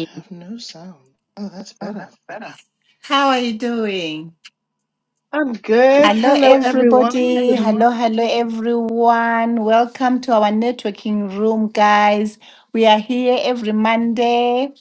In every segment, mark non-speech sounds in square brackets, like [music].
I have no sound. Oh, that's better. How are you doing? I'm good. hello Hello, everyone. everybody. Good- Hello, hello everyone. Welcome to our networking room, guys. We are here every Monday,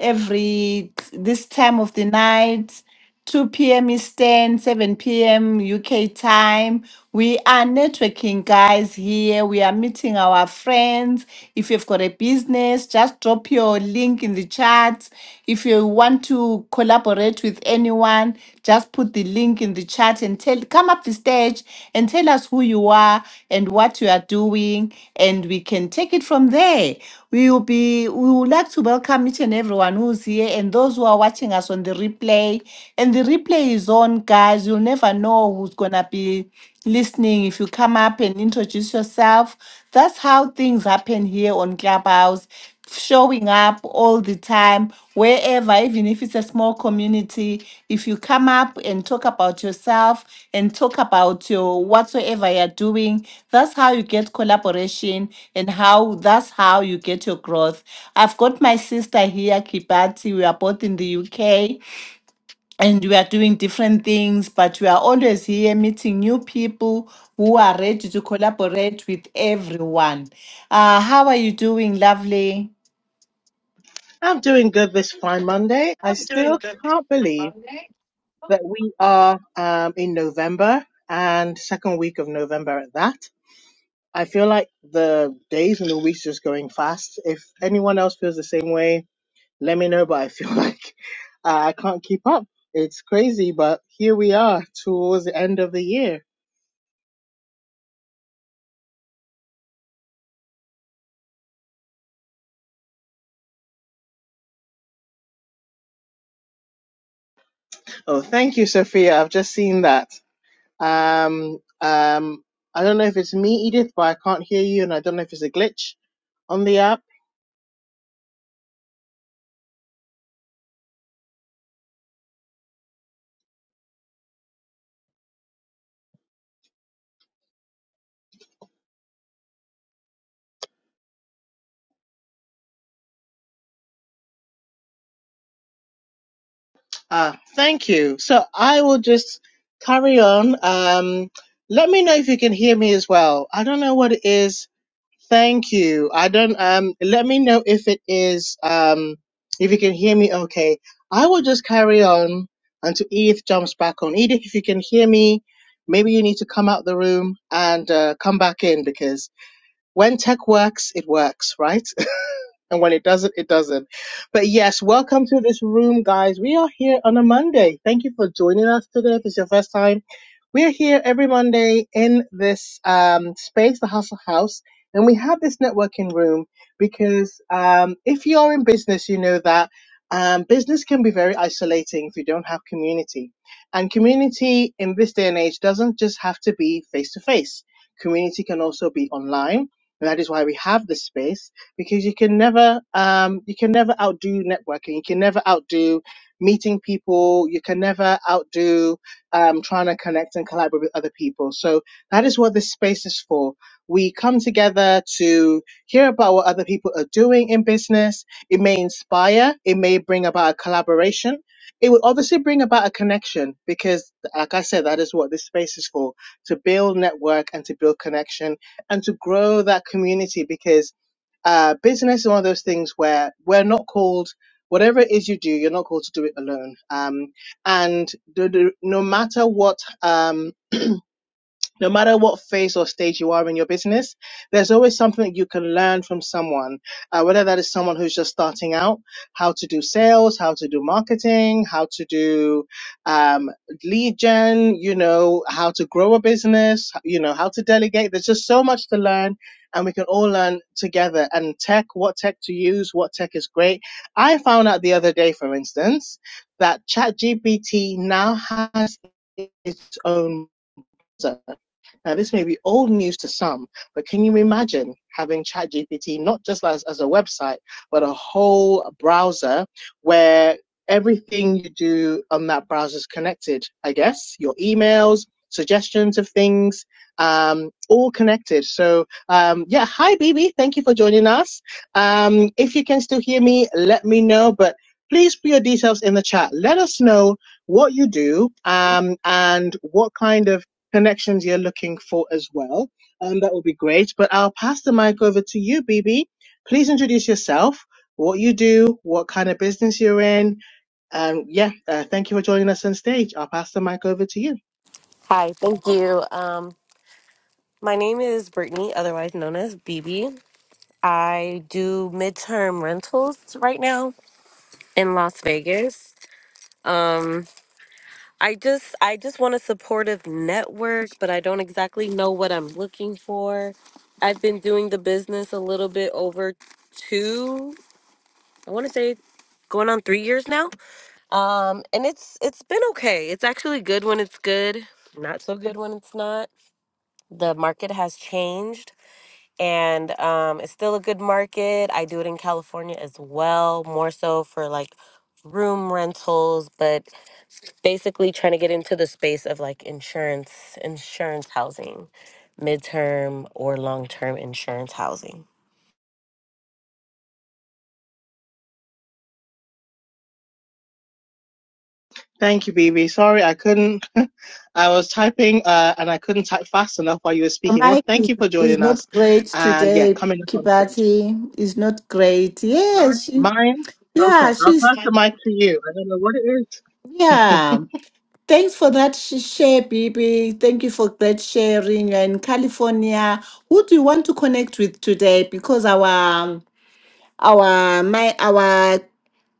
every this time of the night, 2 p.m. Eastern, 7 p.m. UK time. We are networking, guys, here. We are meeting our friends. If you've got a business, just drop your link in the chat. If you want to collaborate with anyone, just put the link in the chat and tell come up the stage and tell us who you are and what you are doing and we can take it from there. We will be we would like to welcome each and everyone who's here and those who are watching us on the replay. And the replay is on, guys. You'll never know who's gonna be listening if you come up and introduce yourself that's how things happen here on Clubhouse, showing up all the time, wherever, even if it's a small community. If you come up and talk about yourself and talk about your whatsoever you're doing, that's how you get collaboration and how that's how you get your growth. I've got my sister here, Kibati. We are both in the UK and we are doing different things, but we are always here meeting new people who are ready to collaborate with everyone. Uh, how are you doing, lovely? I'm doing good this fine Monday. I still can't believe that we are um, in November and second week of November at that. I feel like the days and the weeks just going fast. If anyone else feels the same way, let me know. But I feel [laughs] like uh, I can't keep up. It's crazy, but here we are towards the end of the year. Oh, thank you, Sophia. I've just seen that. Um, um, I don't know if it's me, Edith, but I can't hear you, and I don't know if it's a glitch on the app. Ah, thank you. So I will just carry on. Um, let me know if you can hear me as well. I don't know what it is. Thank you. I don't. Um, let me know if it is. Um, if you can hear me, okay. I will just carry on until Edith jumps back on. Edith, if you can hear me, maybe you need to come out the room and uh, come back in because When tech works, it works, right? And when it doesn't, it doesn't. But yes, welcome to this room, guys. We are here on a Monday. Thank you for joining us today. If it's your first time, we are here every Monday in this um, space, the Hustle House. And we have this networking room because um, if you're in business, you know that um, business can be very isolating if you don't have community. And community in this day and age doesn't just have to be face to face, community can also be online. And that is why we have this space because you can never um, you can never outdo networking. You can never outdo meeting people. You can never outdo um, trying to connect and collaborate with other people. So that is what this space is for. We come together to hear about what other people are doing in business. It may inspire. It may bring about a collaboration. It will obviously bring about a connection because, like I said, that is what this space is for to build network and to build connection and to grow that community. Because uh, business is one of those things where we're not called, whatever it is you do, you're not called to do it alone. Um, and do, do, no matter what. Um, no matter what phase or stage you are in your business, there's always something that you can learn from someone, uh, whether that is someone who's just starting out, how to do sales, how to do marketing, how to do um, lead gen, you know, how to grow a business, you know, how to delegate. There's just so much to learn, and we can all learn together. And tech, what tech to use, what tech is great. I found out the other day, for instance, that ChatGPT now has its own browser. Now, this may be old news to some, but can you imagine having ChatGPT not just as, as a website, but a whole browser where everything you do on that browser is connected? I guess your emails, suggestions of things, um, all connected. So, um, yeah, hi, BB. Thank you for joining us. Um, if you can still hear me, let me know, but please put your details in the chat. Let us know what you do um, and what kind of connections you're looking for as well. Um, that would be great. But I'll pass the mic over to you, BB. Please introduce yourself, what you do, what kind of business you're in. Um, yeah, uh, thank you for joining us on stage. I'll pass the mic over to you. Hi, thank you. Um, my name is Brittany, otherwise known as BB. I do midterm rentals right now in Las Vegas. Um, I just I just want a supportive network, but I don't exactly know what I'm looking for. I've been doing the business a little bit over two, I want to say going on 3 years now. Um, and it's it's been okay. It's actually good when it's good, not so good when it's not the market has changed and um, it's still a good market. I do it in California as well, more so for like room rentals, but basically trying to get into the space of like insurance, insurance housing, midterm or long term insurance housing. Thank you, BB. Sorry, I couldn't. [laughs] I was typing uh, and I couldn't type fast enough while you were Your speaking. Well, mic thank is, you for is joining us. not great And yeah, today, coming up on stage. Kibati. Is not great. Yes, she, Mine? Okay, yeah, I'll she's pass the mic to you. I don't know what it is. yeah. Thanks for that sh- share, Bibi. Thank you for great sharing. You're in California. Who do you want to connect with today? Because our our my our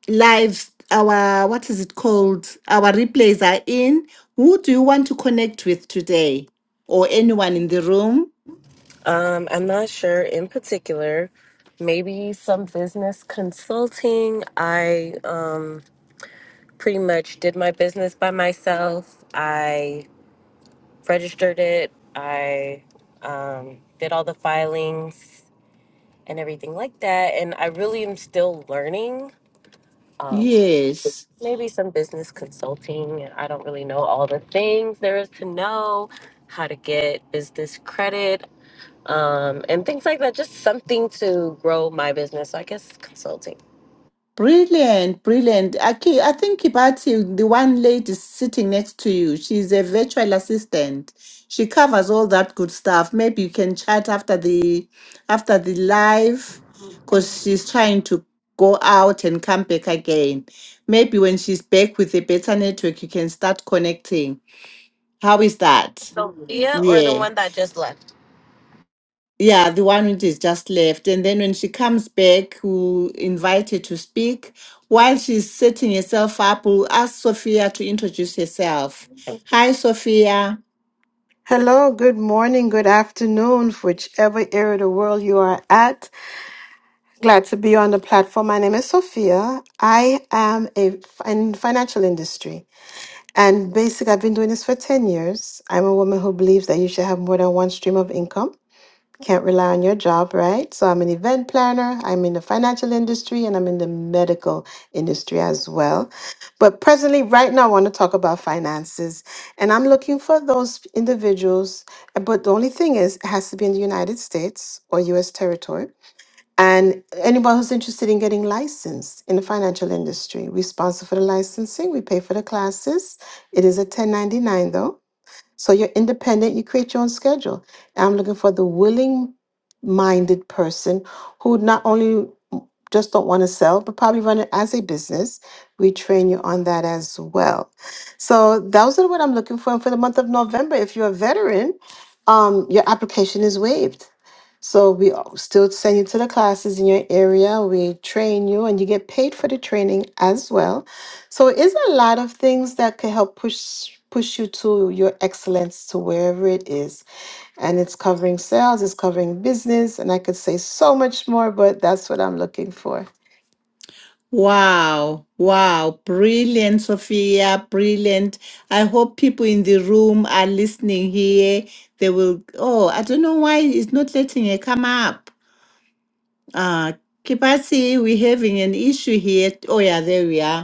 live our what is it called our replays are in who do you want to connect with today or anyone in the room Um, I'm not sure in particular. Maybe some business consulting. I um, pretty much did my business by myself. I registered it. I um, did all the filings and everything like that. And I really am still learning. Um, so yes maybe some business consulting. I don't really know all the things there is to know, how to get business credit, um, and things like that. Just something to grow my business. So I guess consulting. brilliant brilliant Aki, i think Kibati, the one lady sitting next to you she's a virtual assistant she covers all that good stuff maybe you can chat after the after the live because she's trying to go out and come back again maybe when she's back with a better network you can start connecting How is that? Sophia or the Yeah. one that just left? Yeah, the one which is just left. And then when she comes back, we'll invite her to speak. While she's setting herself up, we'll ask Sophia to introduce herself. Hi, Sophia. Hello, good morning, good afternoon, whichever area of the world you are at. Glad to be on the platform. My name is Sophia. I am a in financial industry, and basically, I've been doing this for ten years. I'm a woman who believes that you should have more than one stream of income. Can't rely on your job, right? So I'm an event planner, I'm in the financial industry, and I'm in the medical industry as well. But presently, right now, I want to talk about finances. And I'm looking for those individuals. But the only thing is, it has to be in the United States or US territory. And anyone who's interested in getting licensed in the financial industry, we sponsor for the licensing, we pay for the classes. It is a 1099 though. So you're independent, you create your own schedule. And I'm looking for the willing minded person who not only just don't want to sell, but probably run it as a business. We train you on that as well. So those are what I'm looking for. And for the month of November, if you're a veteran, um, your application is waived. So we al- still send you to the classes in your area. We train you and you get paid for the training as well. So it's a lot of things that can help push push you to your excellence to wherever it is. And it's covering sales, it's covering business, and I could say so much more, but that's what I'm looking for. Wow, wow, brilliant, Sophia, brilliant. I hope people in the room are listening here. They will, oh, I don't know why it's not letting her come up. Uh, Kipasi, we're having an issue here. Oh, yeah, there we are.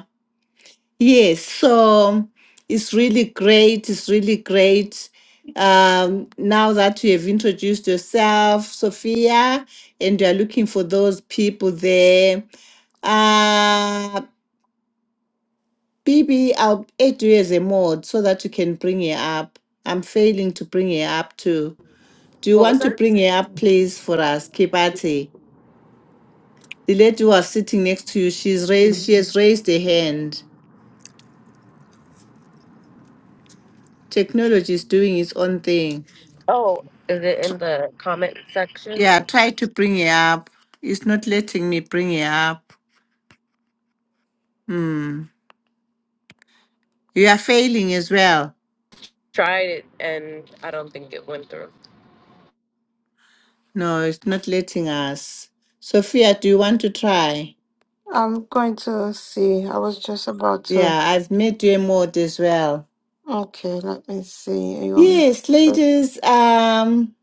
Yes, so it's really great. It's really great. Um, now that you have introduced yourself, Sophia, and you are looking for those people there, uh, Bibi, I'll add you as a mod so that you can bring her up. I'm failing to bring her up too. Do you What was want to that? bring her up, please, for us, Kibati? The lady who was sitting next to you, she's raised. She has raised a hand. Technology is doing its own thing. Oh, is it in the comment section? Yeah, try to bring it up. It's not letting me bring it up. Hmm. You are failing as well. tried it and I don't think it went through. No, it's not letting us. Sophia, do you want to try? I'm going to see. I was just about to Yeah, I've made you a mod as well. okay, let me see. You want me Yes, ladies. Um,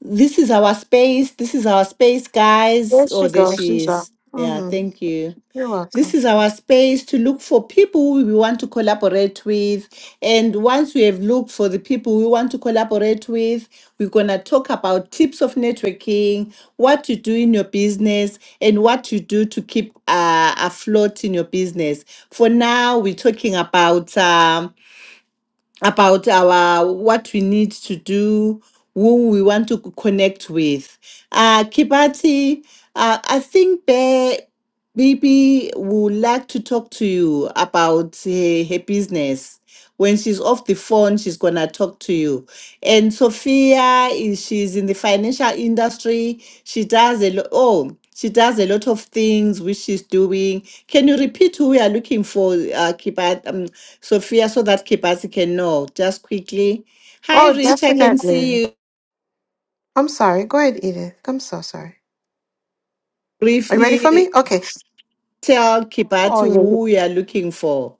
this is our space. This is our space, guys. There Oh, she there goes, she she's up. is. Yeah, hmm thank you. You're This welcome. is our space to look for people we want to collaborate with. And once we have looked for the people we want to collaborate with, we're going to talk about tips of networking, what to do in your business, and what to do to keep uh, afloat in your business. For now, we're talking about. um, about our what we need to do, who we want to c- connect with. Uh, Kibati, uh, I think Bear Bibi would like to talk to you about her, her business. When she's off the phone, she's gonna talk to you. And Sophia is she's in the financial industry. She does a lot. Oh, she does a lot of things which she's doing. Can you repeat who we are looking for, uh, Kibati? um, Sophia, so that Kibasi can know just quickly. Hi, Oh, Rich. I can definitely. see you. I'm sorry. Go ahead, Edith. I'm so sorry. Are you ready for Briefly me? Okay. tell Kibati Oh yeah. yeah. who you are looking for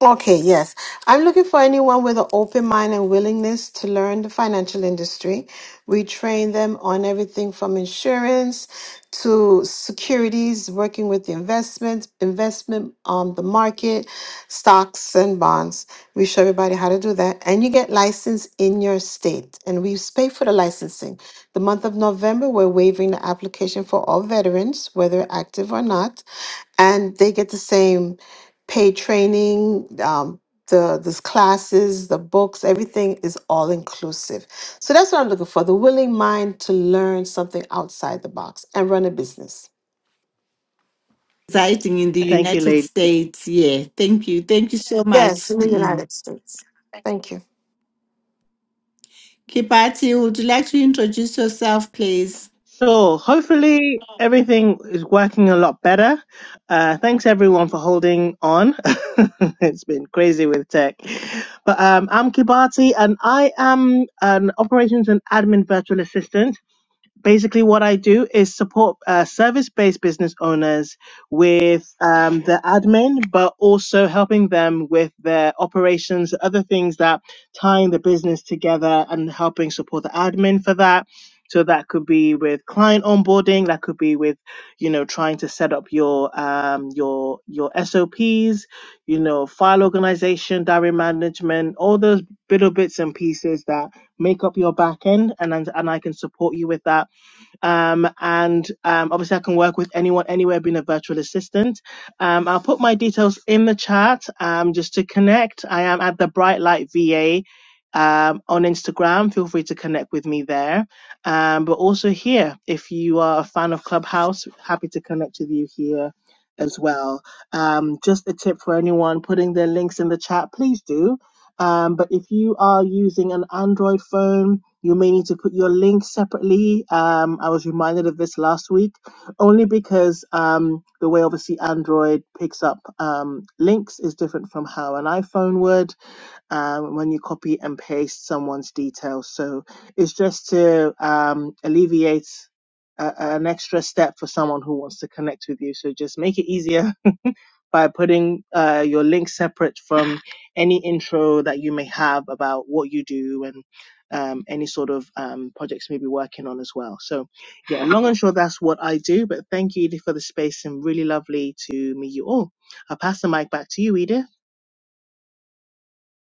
Okay, yes. I'm looking for anyone with an open mind and willingness to learn the financial industry. We train them on everything from insurance to securities, working with the investments, investment, um, the market, stocks and bonds. We show everybody how to do that. And you get licensed in your state. And we pay for the licensing. The month of November, we're waiving the application for all veterans, whether active or not and they get the same paid training, um, the these classes, the books, everything is all inclusive. So that's what I'm looking for: the willing mind to learn something outside the box and run a business. residing in the [laughs] Thank you, United ladies. States. Yeah, thank you. Thank you so Yes, much. in the Mm. United States. Thank you. Kibati, would you like to introduce yourself, please? So hopefully everything is working a lot better. Uh, thanks everyone for holding on. [laughs] it's been crazy with tech. But um, I'm Kibati and I am an operations and admin virtual assistant. basically what I do is support uh, service-based business owners with um, the admin, but also helping them with their operations, other things that tying the business together and helping support the admin for that. So that could be with client onboarding, that could be with, you know, trying to set up your um, your your SOPs, you know, file organization, diary management, all those little bits and pieces that make up your back end and and and I can support you with that um, and um, obviously, I can work with anyone anywhere being a virtual assistant. Um, I'll put my details in the chat um, just to connect. I am at the Bright Light VA um, on Instagram. Feel free to connect with me there. Um, but also here, if you are a fan of Clubhouse, happy to connect with you here as well. Um, just a tip for anyone putting their links in the chat, please do. Um, but if you are using an Android phone, you may need to put your link separately. Um, I was reminded of this last week, only because um, the way obviously Android picks up um, links is different from how an iPhone would um, when you copy and paste someone's details. So it's just to um, alleviate a, an extra step for someone who wants to connect with you. So just make it easier by putting uh, your link separate from any intro that you may have about what you do and um, any sort of um, projects you may be working on as well. So, yeah, long and short, that's what I do. But thank you, Edith, for the space and really lovely to meet you all. I'll pass the mic back to you, Edith.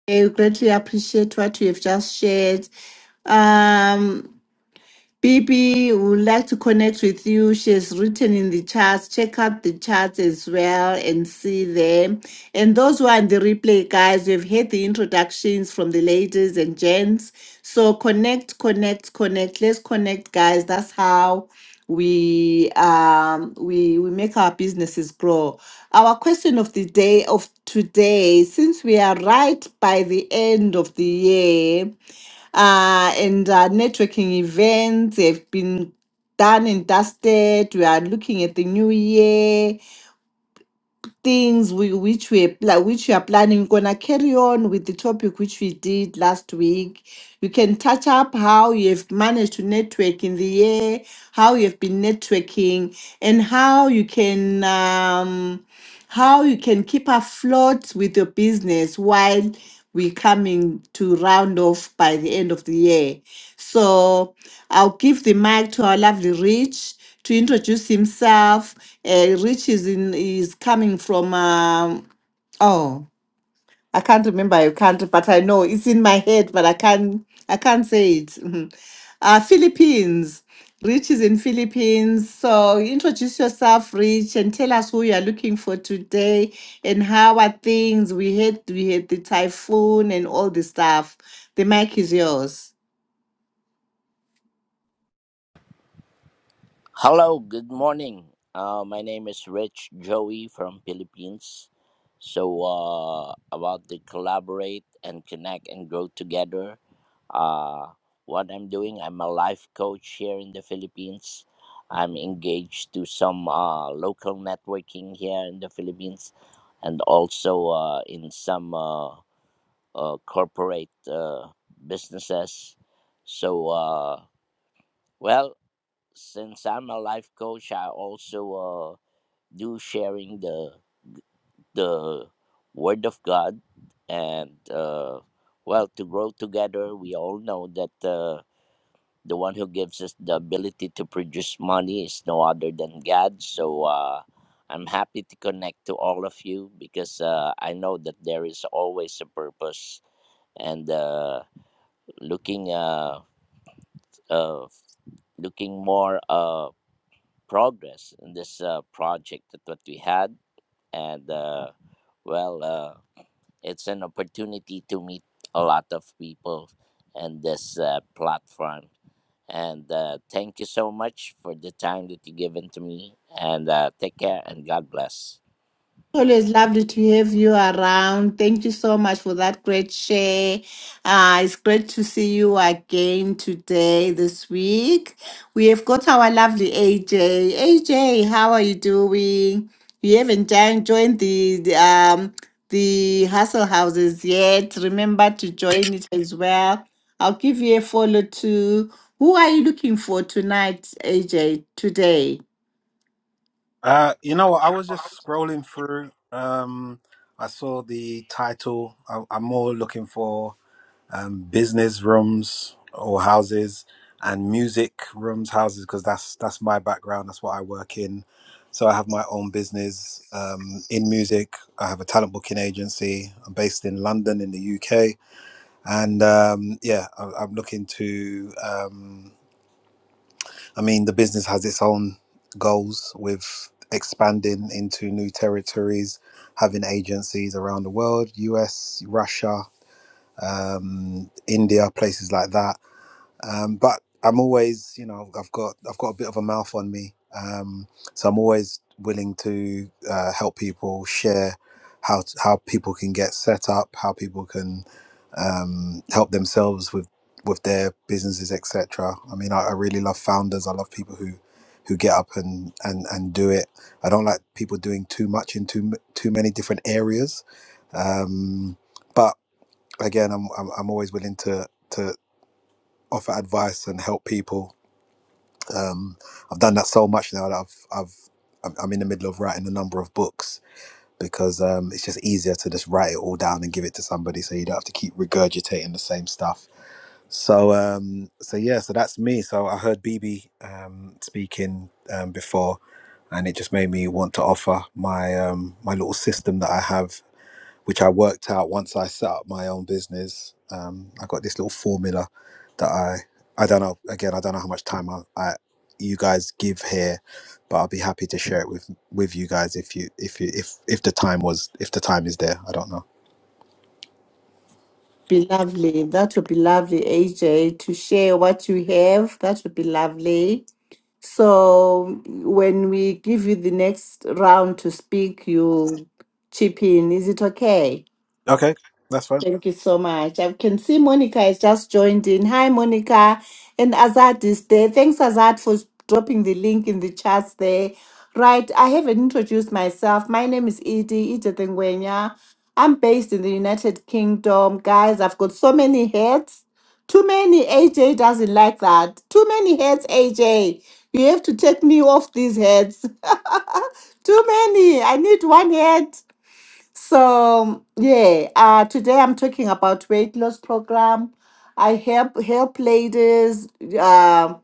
I greatly appreciate what you have just shared. Um, Bibi would like to connect with you. She has written in the charts. Check out the charts as well and see them. And those who are in the replay, guys, we've had the introductions from the ladies and gents. So connect, connect, connect. Let's connect, guys. That's how we um we we make our businesses grow our question of the day of today since we are right by the end of the year uh, and uh, networking events have been done and dusted. We are looking at the new year things we, which we pla- which we are planning. We're gonna carry on with the topic which we did last week. You can touch up how you have managed to network in the year, how you have been networking, and how you can um, how you can keep afloat with your business while we're coming to round off by the end of the year. So I'll give the mic to our lovely Rich to introduce himself. Uh, Rich is in is coming from um, oh I can't remember your country, but I know it's in my head, but I can't I can't say it. [laughs] Mhm. Uh, Philippines. Rich is in Philippines, so introduce yourself, Rich, and tell us who you are looking for today and how are things. We had we had the typhoon and all the stuff. The mic is yours. Hello, good morning. Uh, my name is Rich Joey from Philippines. So uh, about the collaborate and connect and grow together. Uh, what I'm doing, I'm a life coach here in the Philippines. I'm engaged to some uh, local networking here in the Philippines, and also uh, in some uh, uh, corporate uh, businesses. So uh, well since I'm a life coach, I also uh, do sharing the the word of God, and uh, well, to grow together. We all know that uh, the one who gives us the ability to produce money is no other than God. So uh, I'm happy to connect to all of you because uh, I know that there is always a purpose, and uh, looking uh, uh, looking more. Uh, progress in this uh, project that what we had and uh, well uh, it's an opportunity to meet a lot of people in this uh, platform and uh, thank you so much for the time that you given to me and uh, take care and god bless Always lovely to have you around. Thank you so much for that great share. Uh, it's great to see you again today, this week. We have got our lovely AJ. AJ, how are you doing? You haven't jo- joined the, the um the hustle houses yet. Remember to join it as well. I'll give you a follow too. Who are you looking for tonight, AJ? Today? Uh, you know, I was just scrolling through. Um, I saw the title. I, I'm more looking for um, business rooms or houses and music rooms, houses, because that's that's my background. That's what I work in. So I have my own business um, in music. I have a talent booking agency. I'm based in London, in the UK, and um, yeah, I, I'm looking to. Um, I mean, the business has its own goals with expanding into new territories, having agencies around the world, US, Russia, um, India, places like that um, but I'm always, you know, I've got I've got a bit of a mouth on me, um, so I'm always willing to uh, help people share how t- how people can get set up, how people can um, help themselves with with their businesses, etc. I mean, I, I really love founders. I love people who who get up and, and and do it. I don't like people doing too much in too m- too many different areas, um, but again, I'm, I'm I'm always willing to to offer advice and help people. Um, I've done that so much now that I've I've I'm I'm in the middle of writing a number of books because um, it's just easier to just write it all down and give it to somebody, so you don't have to keep regurgitating the same stuff. So um, so yeah, so that's me. So I heard BB um, speaking um, before, and it just made me want to offer my um, my little system that I have which I worked out once I set up my own business. Um, I got this little formula that I I don't know again I don't know how much time I, I you guys give here, but I'll be happy to share it with with you guys if you if you if if the time was if the time is there. I don't know. be lovely. That would be lovely, AJ, to share what you have. That would be lovely. So when we give you the next round to speak, you'll chip in. Is it okay? Okay, that's fine. Thank you so much. I can see Monica has just joined in. Hi, Monica. And Azad is there. Thanks, Azad, for dropping the link in the chat there. Right, I haven't introduced myself. My name is Edie Edith Ngwenya. I'm based in the United Kingdom. Guys, I've got so many hats. Too many. AJ doesn't like that. Too many hats, AJ. You have to take me off these heads. [laughs] Too many. I need one head. So yeah, uh, today I'm talking about weight loss program. I help help ladies uh,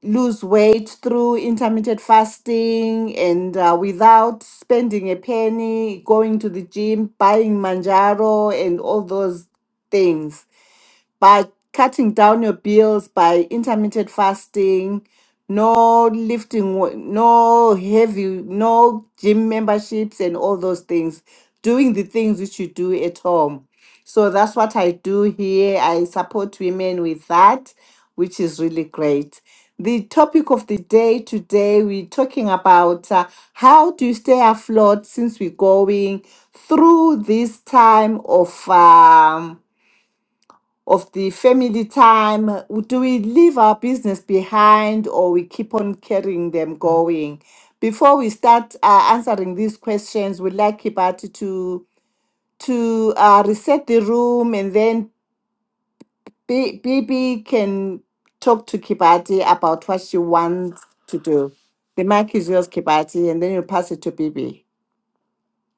lose weight through intermittent fasting and uh, without spending a penny, going to the gym, buying manjaro and all those things by cutting down your bills by intermittent fasting no lifting we- no heavy no gym memberships and all those things doing the things which you do at home so that's what i do here i support women with that which is really great the topic of the day today we're talking about uh, how to stay afloat since we're going through this time of um, of the family time do we leave our business behind or we keep on carrying them going before we start uh, answering these questions we'd like kibati to to uh, reset the room and then B- bb can talk to kibati about what she wants to do the mic is yours kibati and then you pass it to Bibi.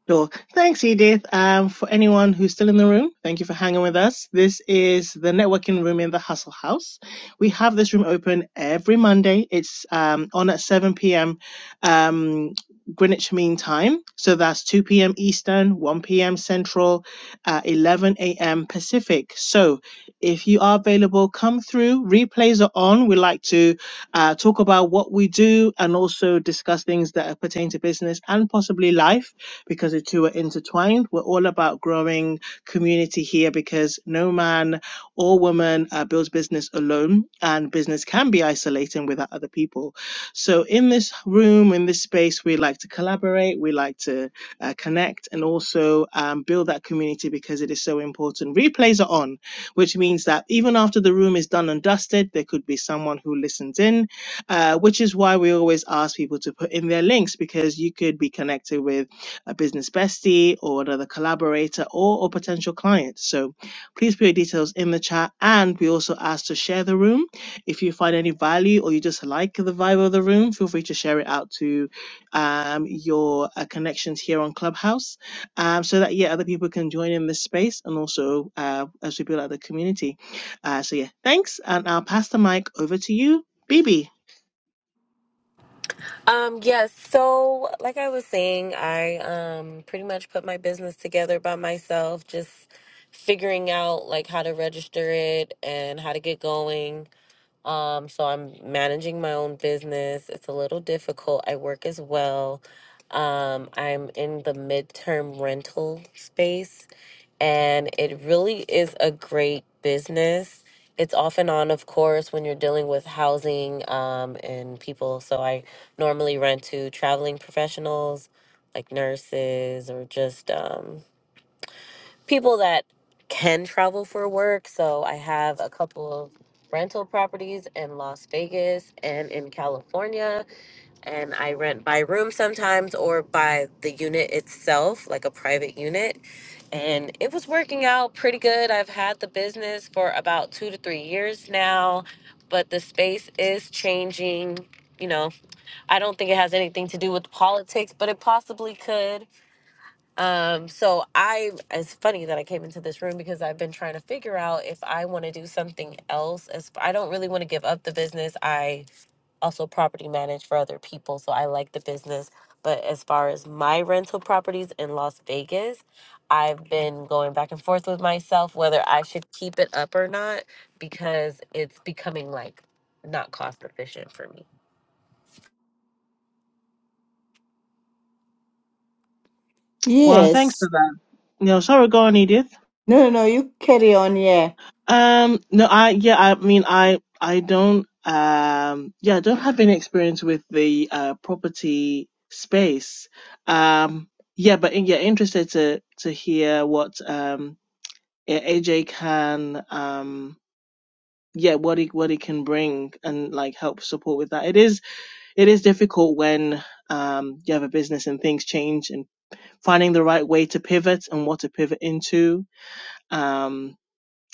Sure. Thanks, Edith. Um, for anyone who's still in the room, thank you for hanging with us. This is the networking room in the Hustle House. We have this room open every Monday. It's um, on at 7 p.m. Um, Greenwich Mean Time. So that's 2 p.m. Eastern, 1 p.m. Central, uh, 11 a.m. Pacific. So if you are available, come through. Replays are on. We like to uh, talk about what we do and also discuss things that pertain to business and possibly life because the two are intertwined. We're all about growing community here because no man or woman uh, builds business alone, and business can be isolating without other people. So, in this room, in this space, we like to collaborate, we like to uh, connect, and also um, build that community because it is so important. Replays are on, which means that even after the room is done and dusted, there could be someone who listens in, uh, which is why we always ask people to put in their links because you could be connected with a business bestie or another collaborator or a potential client. So please put your details in the chat. And we also ask to share the room. If you find any value or you just like the vibe of the room, feel free to share it out to um, your uh, connections here on Clubhouse um, so that, yeah, other people can join in this space and also uh, as we build out the community. Uh, so, yeah, thanks. And I'll pass the mic over to you, Bibi. Um, yes. So, like I was saying, I um pretty much put my business together by myself, just figuring out like how to register it and how to get going. Um, so I'm managing my own business. It's a little difficult. I work as well. Um, I'm in the midterm rental space and it really is a great business. It's off and on, of course, when you're dealing with housing um, and people. So I normally rent to traveling professionals like nurses or just um, people that can travel for work. So I have a couple of rental properties in Las Vegas and in California. And I rent by room sometimes or by the unit itself, like a private unit. And it was working out pretty good. I've had the business for about two to three years now, but the space is changing. You know, I don't think it has anything to do with politics, but it possibly could um, so I it's funny that I came into this room because I've been trying to figure out if I want to do something else as I don't really want to give up the business. I also property manage for other people, so I like the business. But as far as my rental properties in Las Vegas, I've been going back and forth with myself whether I should keep it up or not because it's becoming like not cost efficient for me. Well, thanks for Yes. that. No, sorry, go on, Edith. No, no, no. You carry on. Yeah. Um, no, I yeah, I mean, I I don't um yeah, I don't have any experience with the uh property space. Um, yeah, but in, yeah, interested to to hear what um yeah, AJ can um yeah what he what he can bring and like help support with that. It is it is difficult when um, you have a business and things change and finding the right way to pivot and what to pivot into um,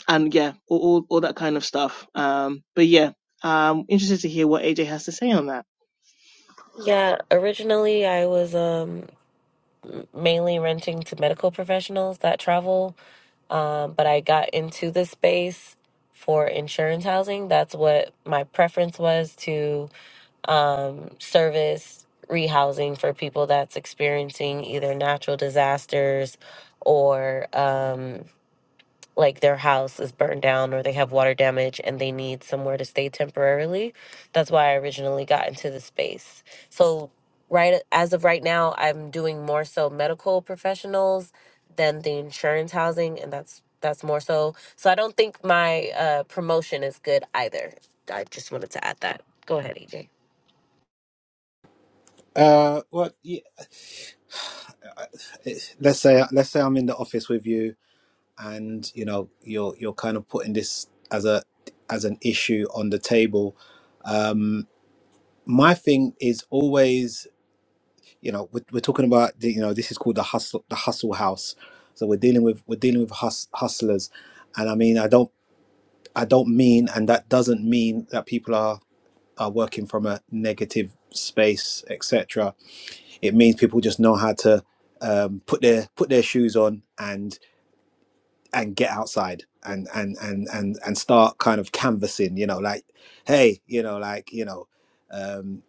and yeah all, all, all that kind of stuff um, but yeah um interested to hear what aj has to say on that Yeah, originally I was um mainly renting to medical professionals that travel. Um, but I got into the space for insurance housing. That's what my preference was to um, service rehousing for people that's experiencing either natural disasters or um, like their house is burned down or they have water damage and they need somewhere to stay temporarily. That's why I originally got into the space. So right as of right now, I'm doing more so medical professionals than the insurance housing and that's that's more so. So I don't think my uh, promotion is good either. I just wanted to add that. Go ahead, AJ. Uh, well, yeah, let's say let's say I'm in the office with you, and you know you're you're kind of putting this as a as an issue on the table. My thing is always you know we're, we're talking about the, you know this is called the hustle the hustle house so we're dealing with we're dealing with hus- hustlers and i mean i don't i don't mean and that doesn't mean that people are are working from a negative space etc it means people just know how to um, put their put their shoes on and and get outside and and and and and start kind of canvassing you know like hey you know like you know um,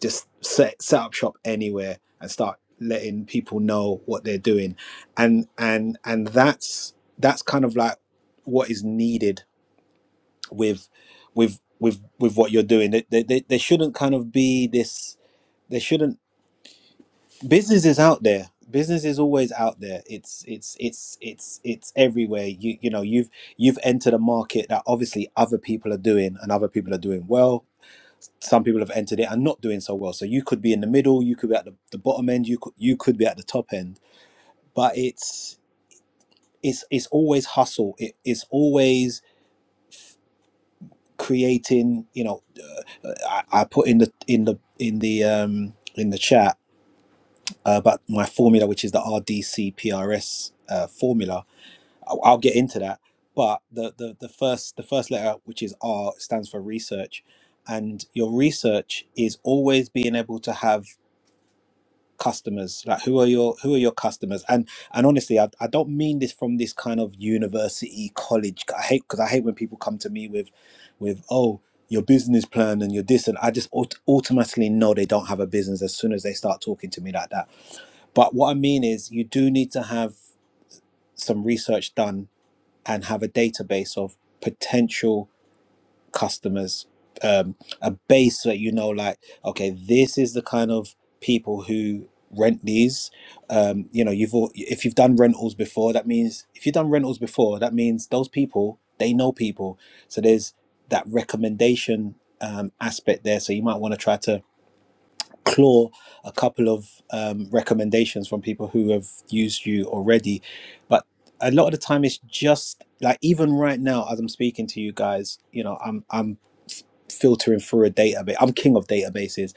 just set set up shop anywhere and start letting people know what they're doing and and and that's that's kind of like what is needed with with with with what you're doing there, there, there there shouldn't kind of be this there shouldn't business is out there business is always out there it's it's it's it's it's everywhere you you know you've you've entered a market that obviously other people are doing and other people are doing well some people have entered it and not doing so well. So you could be in the middle, you could be at the, the bottom end, you could you could be at the top end. But it's it's it's always hustle. It, it's always creating. You know, uh, I, I put in the in the in the um in the chat uh, about my formula, which is the RDCPRS uh, formula. I'll, I'll get into that. But the, the the first the first letter, which is R, stands for research, and your research is always being able to have customers like who are your who are your customers and and honestly i, I don't mean this from this kind of university college i hate because i hate when people come to me with with oh your business plan and your this and i just aut- automatically know they don't have a business as soon as they start talking to me like that but what i mean is you do need to have some research done and have a database of potential customers um, a base that you know like okay this is the kind of people who rent these um, you know you've al- if you've done rentals before that means if you've done rentals before that means those people they know people so there's that recommendation um, aspect there so you might want to try to claw a couple of um, recommendations from people who have used you already. But a lot of the time, it's just like even right now, as I'm speaking to you guys, you know, I'm I'm f- filtering through a database. I'm king of databases,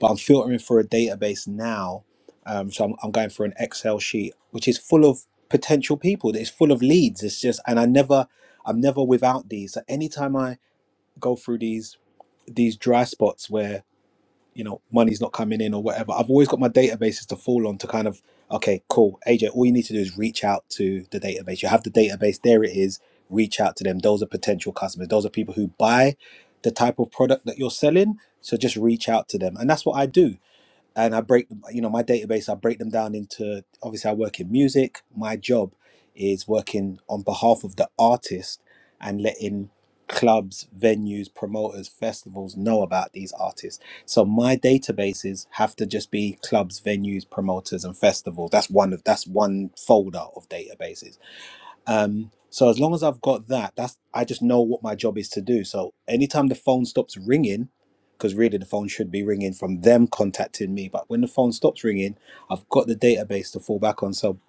but I'm filtering through a database now. Um, so I'm, I'm going for an Excel sheet, which is full of potential people. It's full of leads. It's just, and I never, I'm never without these. So anytime I go through these these dry spots where you know money's not coming in or whatever i've always got my databases to fall on to kind of okay cool aj all you need to do is reach out to the database you have the database there it is reach out to them those are potential customers those are people who buy the type of product that you're selling so just reach out to them and that's what i do and I break them, you know, my database, I break them down into obviously I work in music. My job is working on behalf of the artist and letting clubs, venues, promoters, festivals know about these artists. So my databases have to just be clubs, venues, promoters and festivals. That's one of that's one folder of databases um, so as long as I've got that, that's I just know what my job is to do. So anytime the phone stops ringing, because really the phone should be ringing from them contacting me, but when the phone stops ringing, I've got the database to fall back on. So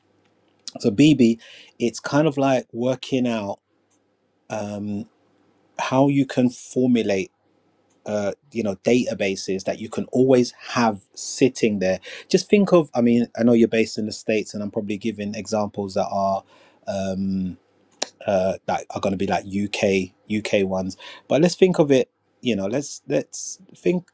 so BB, it's kind of like working out um, how you can formulate. Uh, you know databases that you can always have sitting there just think of i mean i know you're based in the states and i'm probably giving examples that are Um, uh, that are going to be like UK UK ones. But let's think of it. You know, let's let's think.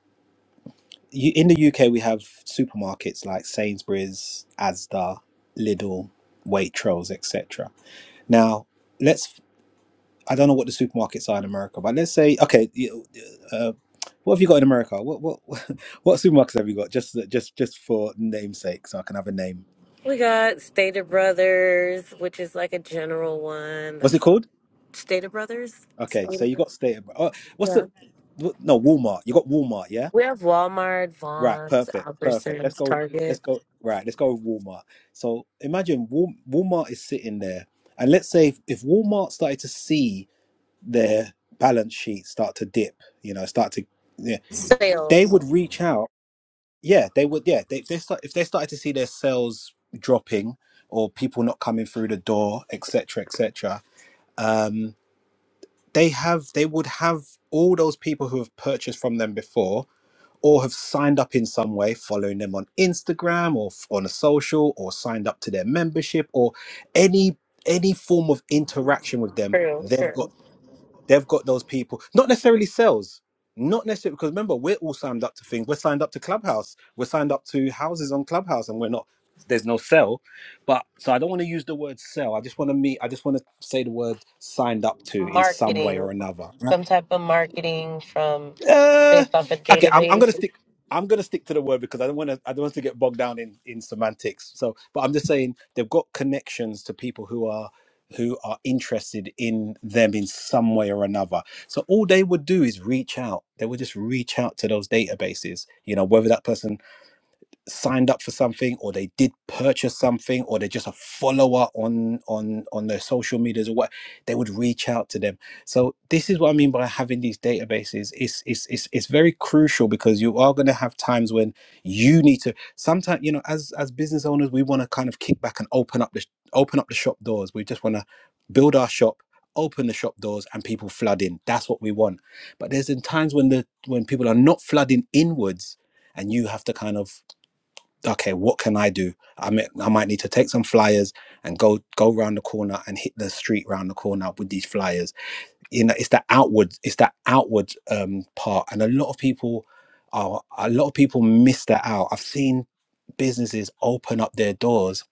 you- In the UK, we have supermarkets like Sainsbury's, Asda, Lidl, Waitrose, etc. Now, let's. I don't know what the supermarkets are in America, but let's say okay. you- Uh, what have you got in America? What what [laughs] what supermarkets have you got? Just just just for namesake, so I can have a name. We got Stater Brothers, which is like a general one. What's it That's called? Stater Brothers. Okay, so you Stater. got State. of- Oh, what's Yeah. the? wh- No, Walmart. You got Walmart, yeah We have Walmart, Right, Vaughn's, perfect, perfect. Let's Albertsons, go. Let's Target. go. Right, let's go with Walmart. So imagine Wal- Walmart is sitting there, and let's say if, if Walmart started to see their balance sheet start to dip, you know, start to, yeah, they Sales, would reach out. Yeah, they would. Yeah, they, they start if they started to see their sales dropping or people not coming through the door, etc., etc. um, they have they would have all those people who have purchased from them before or have signed up in some way, following them on Instagram or f- on a social, or signed up to their membership, or any any form of interaction with them, true, they've got true. they've got those people. Not necessarily sales, not necessarily because remember we're all signed up to things. We're signed up to Clubhouse. We're signed up to houses on Clubhouse, and we're not. There's no sell, but so I don't want to use the word sell. I just want to meet. I just want to say the word signed up to in some way Marketing, or another. some type of marketing from Uh, based off a okay, I'm, I'm gonna database. stick. I'm gonna stick to the word because I don't want to. I don't want to get bogged down in in semantics. So, but I'm just saying they've got connections to people who are who are interested in them in some way or another. So all they would do is reach out. They would just reach out to those databases. You know, whether that person signed up for something or they did purchase something or they're just a follower on on on their social medias or what they would reach out to them so this is what i mean by having these databases it's it's it's, it's very crucial because you are going to have times when you need to sometimes you know as as business owners we want to kind of kick back and open up the open up the shop doors we just want to build our shop open the shop doors and people flood in that's what we want but there's in times when the when people are not flooding inwards and you have to kind of okay, what can I do? I might, I might need to take some flyers and go go round the corner and hit the street round the corner with these flyers. You know, it's that outward, it's that outward um, part, and a lot of people are a lot of people miss that out. I've seen businesses open up their doors.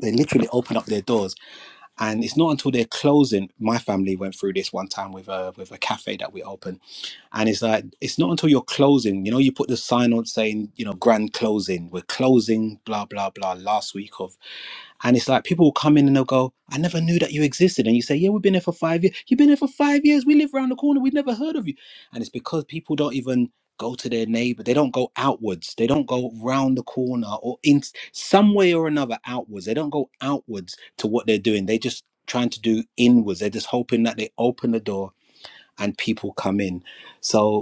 They literally open up their doors, and it's not until they're closing. My family went through this one time with a with a cafe that we opened and it's like, it's not until you're closing, you know, you put the sign on saying, you know, grand closing, we're closing, blah, blah, blah, last week of. And it's like people will come in and they'll go, I never knew that you existed. And you say, Yeah, we've been here for five years. You've been here for five years. We live around the corner. We've never heard of you. And it's because people don't even go to their neighbor. They don't go outwards. They don't go round the corner or in some way or another outwards. They don't go outwards to what they're doing. They just trying to do inwards. They're just hoping that they open the door and people come in. So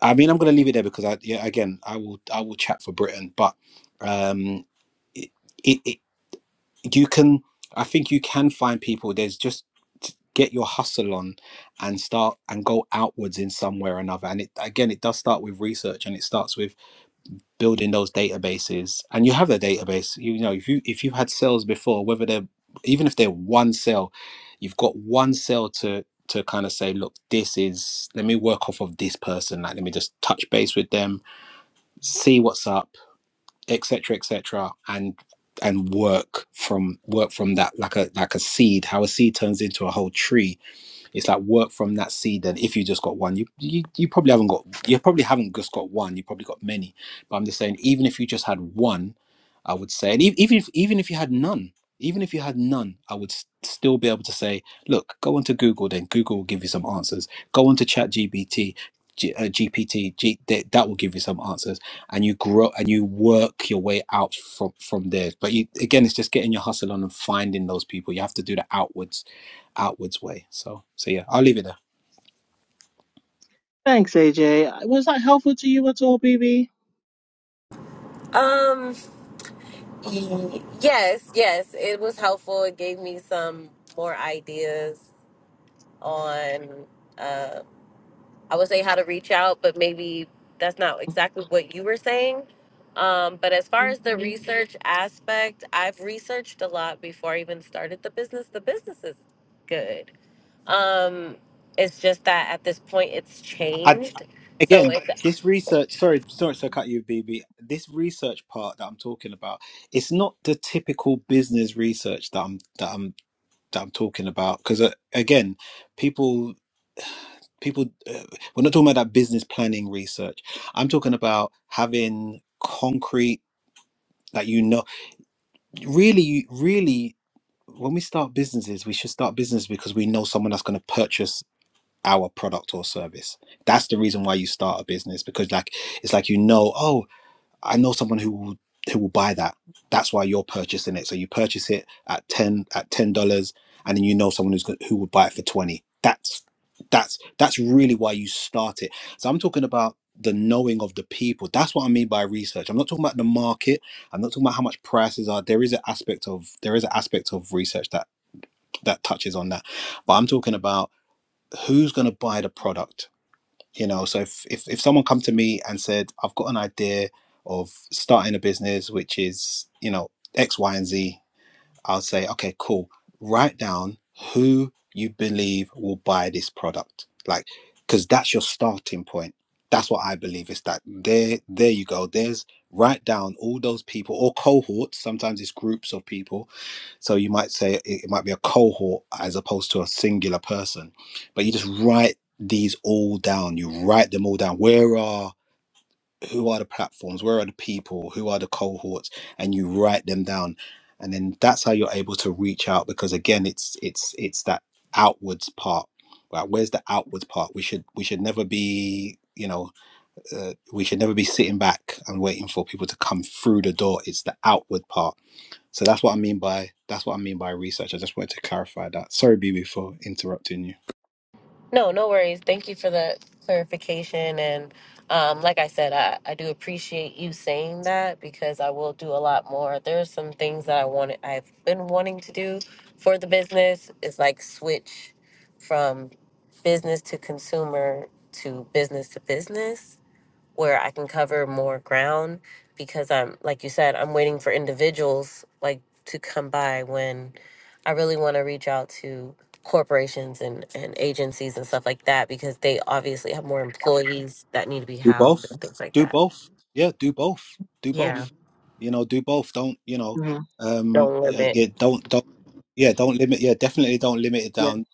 I mean, I'm going to leave it there because I, yeah, again, I will, I will chat for Britain, but um, it, it, it, you can, I think you can find people. There's just get your hustle on and start and go outwards in some way or another. And it, again, it does start with research and it starts with building those databases. And you have the database. You know, if you if you've had sales before, whether they're even if they're one sale, you've got one sale to to kind of say, look, this is let me work off of this person. Like let me just touch base with them see what's up, etc., etc., and and work from work from that like a like a seed. How a seed turns into a whole tree it's like work from that seed then if you just got one you, you you probably haven't got you probably haven't just got one you probably got many but i'm just saying even if you just had one i would say and e- even if even if you had none even if you had none i would s- still be able to say look go onto google then google will give you some answers go onto chat gbt uh, gpt that that will give you some answers and you grow and you work your way out from from there but you, again it's just getting your hustle on and finding those people you have to do the outwards outwards way. So, so yeah, I'll leave it there. thanks aj was that helpful to you at all bb Um, y- yes, yes, it was helpful. It gave me some more ideas on. um I would say how to reach out, but maybe that's not exactly what you were saying. Um, but as far as the research aspect, I've researched a lot before I even started the business. The business is good. Um, it's just that at this point, it's I, I changed. So again, it's this research. Sorry, sorry to cut you, BB. This research part that I'm talking about, it's not the typical business research that I'm that I'm that I'm talking about. Because uh, again, people people uh, we're not talking about that business planning research. I'm talking about having concrete that you know really really when we start businesses we should start business because we know someone that's going to purchase our product or service. That's the reason why you start a business because like it's like you know, oh, I know someone who will who will buy that. That's why you're purchasing it. So you purchase it at ten at ten dollars, and then you know someone who's go- who would buy it for twenty. That's that's that's really why you start it. So I'm talking about the knowing of the people. That's what I mean by research. I'm not talking about the market. I'm not talking about how much prices are. There is an aspect of there is an aspect of research that that touches on that, but I'm talking about who's going to buy the product you know so if, if if someone come to me and said i've got an idea of starting a business which is you know x y and z I'll say, okay, cool. Write down who you believe will buy this product. Like, because that's your starting point. That's what I believe is that there, there you go. There's write down all those people or cohorts. Sometimes it's groups of people. So you might say it it might be a cohort as opposed to a singular person. But you just write these all down. You write them all down. Where are who are the platforms, where are the people, who are the cohorts, and you write them down, and then that's how you're able to reach out because again, it's it's it's that outwards part. Right? Where's the outwards part? We should we should never be you know uh, we should never be sitting back and waiting for people to come through the door. It's the outward part. So that's what I mean by that's what I mean by research. I just wanted to clarify that. Sorry, BB, for interrupting you. No, no worries. Thank you for the clarification. And um, like I said, I, I do appreciate you saying that because I will do a lot more. There's some things that I wanted, I've been wanting to do for the business. It's like switch from business to consumer to business to business where I can cover more ground because I'm like you said, I'm waiting for individuals like to come by when I really want to reach out to corporations and, and agencies and stuff like that because they obviously have more employees that need to be do housed both and things like do that. both yeah do both do Yeah. both you know do both don't you know Mhm. um Don't uh, limit. yeah, don't don't yeah don't limit yeah definitely don't limit it yeah down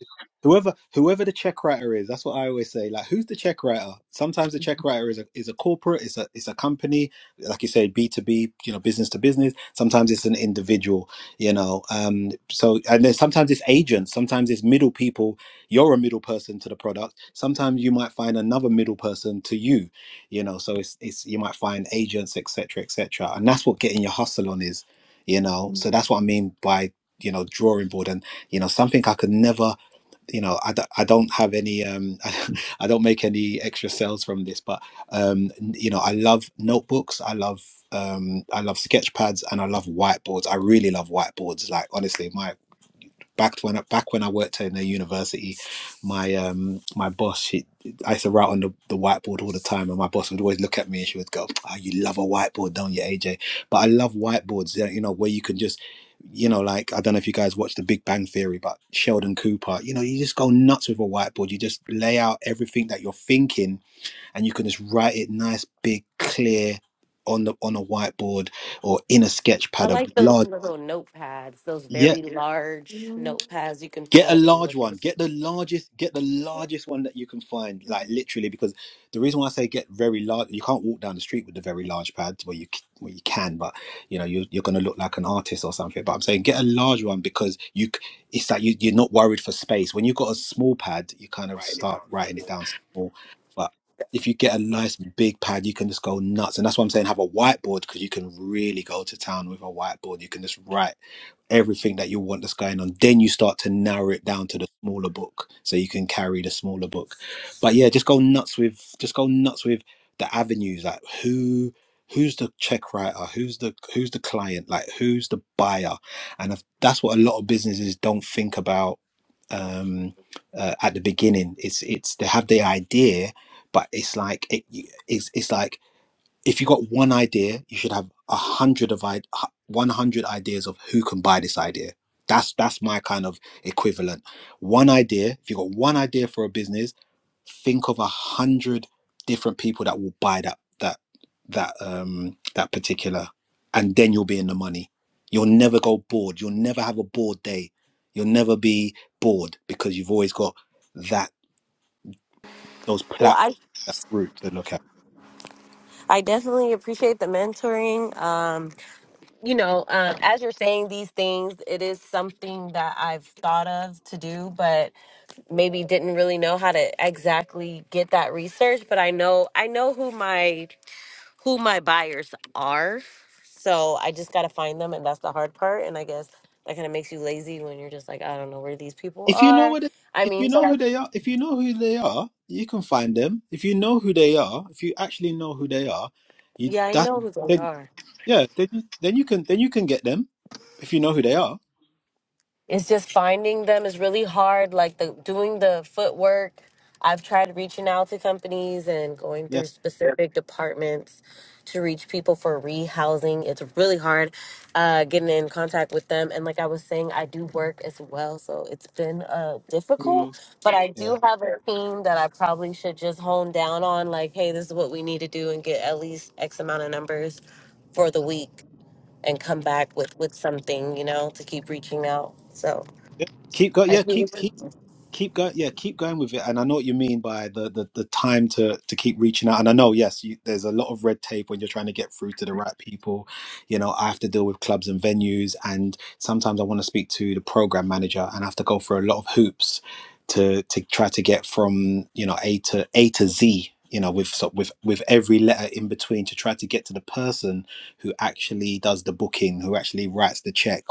whoever whoever the check writer is that's what i always say like who's the check writer sometimes the check writer is a is a corporate it's a it's a company like you say b2b you know business to business sometimes it's an individual you know um so and then sometimes it's agents sometimes it's middle people you're a middle person to the product sometimes you might find another middle person to you you know so it's it's you might find agents etc etc and that's what getting your hustle on is you know so that's what i mean by you know drawing board and you know something i could never you know i, d- I don't have any um [laughs] i don't make any extra sales from this but um n- you know i love notebooks i love um i love sketch pads and i love whiteboards i really love whiteboards like honestly my back when I- back when I worked in a university, my um my boss she I used to write on the, the whiteboard all the time, and my boss would always look at me and she would go, "Oh, you love a whiteboard, don't you, AJ?" But I love whiteboards, you know, you know, where you can just you know, like I don't know if you guys watch The Big Bang Theory, but Sheldon Cooper, you know, you just go nuts with a whiteboard. You just lay out everything that you're thinking, and you can just write it nice, big, clear on the on a whiteboard or in a sketch I pad, a like those large. little notepads, those Yeah, very Yeah. large Mhm. notepads you can put Get a up and large look at. one. Get the largest. Get the largest one that you can find. Like literally, because the reason why I say get very large, you can't walk down the street with the very large pads. Well, you c- well you can, but you know you're, you're going to look like an artist or something. But I'm saying get a large one because you. c- It's like you, you're not worried for space. When you've got a small pad, you kind of start writing it down small. But if you get a nice big pad, you can just go nuts. And that's why I'm saying have a whiteboard because you can really go to town with a whiteboard. You can just write everything that you want that's going on. Then you start to narrow it down to the smaller book so you can carry the smaller book. But yeah, just go nuts with just go nuts with the avenues. Like who who's the check writer? Who's the who's the client? Like who's the buyer? And if, that's what a lot of businesses don't think about um uh, at the beginning. It's it's they have the idea but it's like it, it's it's like if you got one idea, you should have a hundred of i one hundred ideas of who can buy this idea. That's that's my kind of equivalent. One idea. If you got one idea for a business, think of a hundred different people that will buy that that that um that particular, and then you'll be in the money. You'll never go bored. You'll never have a bored day. You'll never be bored because you've always got that those Well, platforms I that route to look at. I definitely appreciate the mentoring. Um you know, um, as you're saying these things, it is something that I've thought of to do, but maybe didn't really know how to exactly get that research. But I know I know who my who my buyers are, so I just gotta find them, and that's the hard part. And I guess that kind of makes you lazy when you're just like, I don't know where these people If you know are. what, I if mean, you but know I- who they are, if you know who they are, you can find them. If you know who they are, if you actually know who they are, you yeah, I that know who they then are. yeah, then you, then you can then you can get them if you know who they are. it's just finding them is really hard like the doing the footwork i've tried reaching out to companies and going through Yes. specific departments to reach people for rehousing it's really hard uh, getting in contact with them and like i was saying i do work as well so it's been uh, difficult Mhm. but i Yeah. do have a team that i probably should just hone down on like hey this is what we need to do and get at least x amount of numbers for the week and come back with with something you know to keep reaching out so Yeah. Keep go. [laughs] I Yeah. really Keep keep. do. keep going yeah keep going with it and i know what you mean by the the, the time to to keep reaching out and i know yes you, there's a lot of red tape when you're trying to get through to the right people you know i have to deal with clubs and venues and sometimes i want to speak to the program manager and i have to go through a lot of hoops to to try to get from you know a to a to z you know with so- with with every letter in between to try to get to the person who actually does the booking who actually writes the check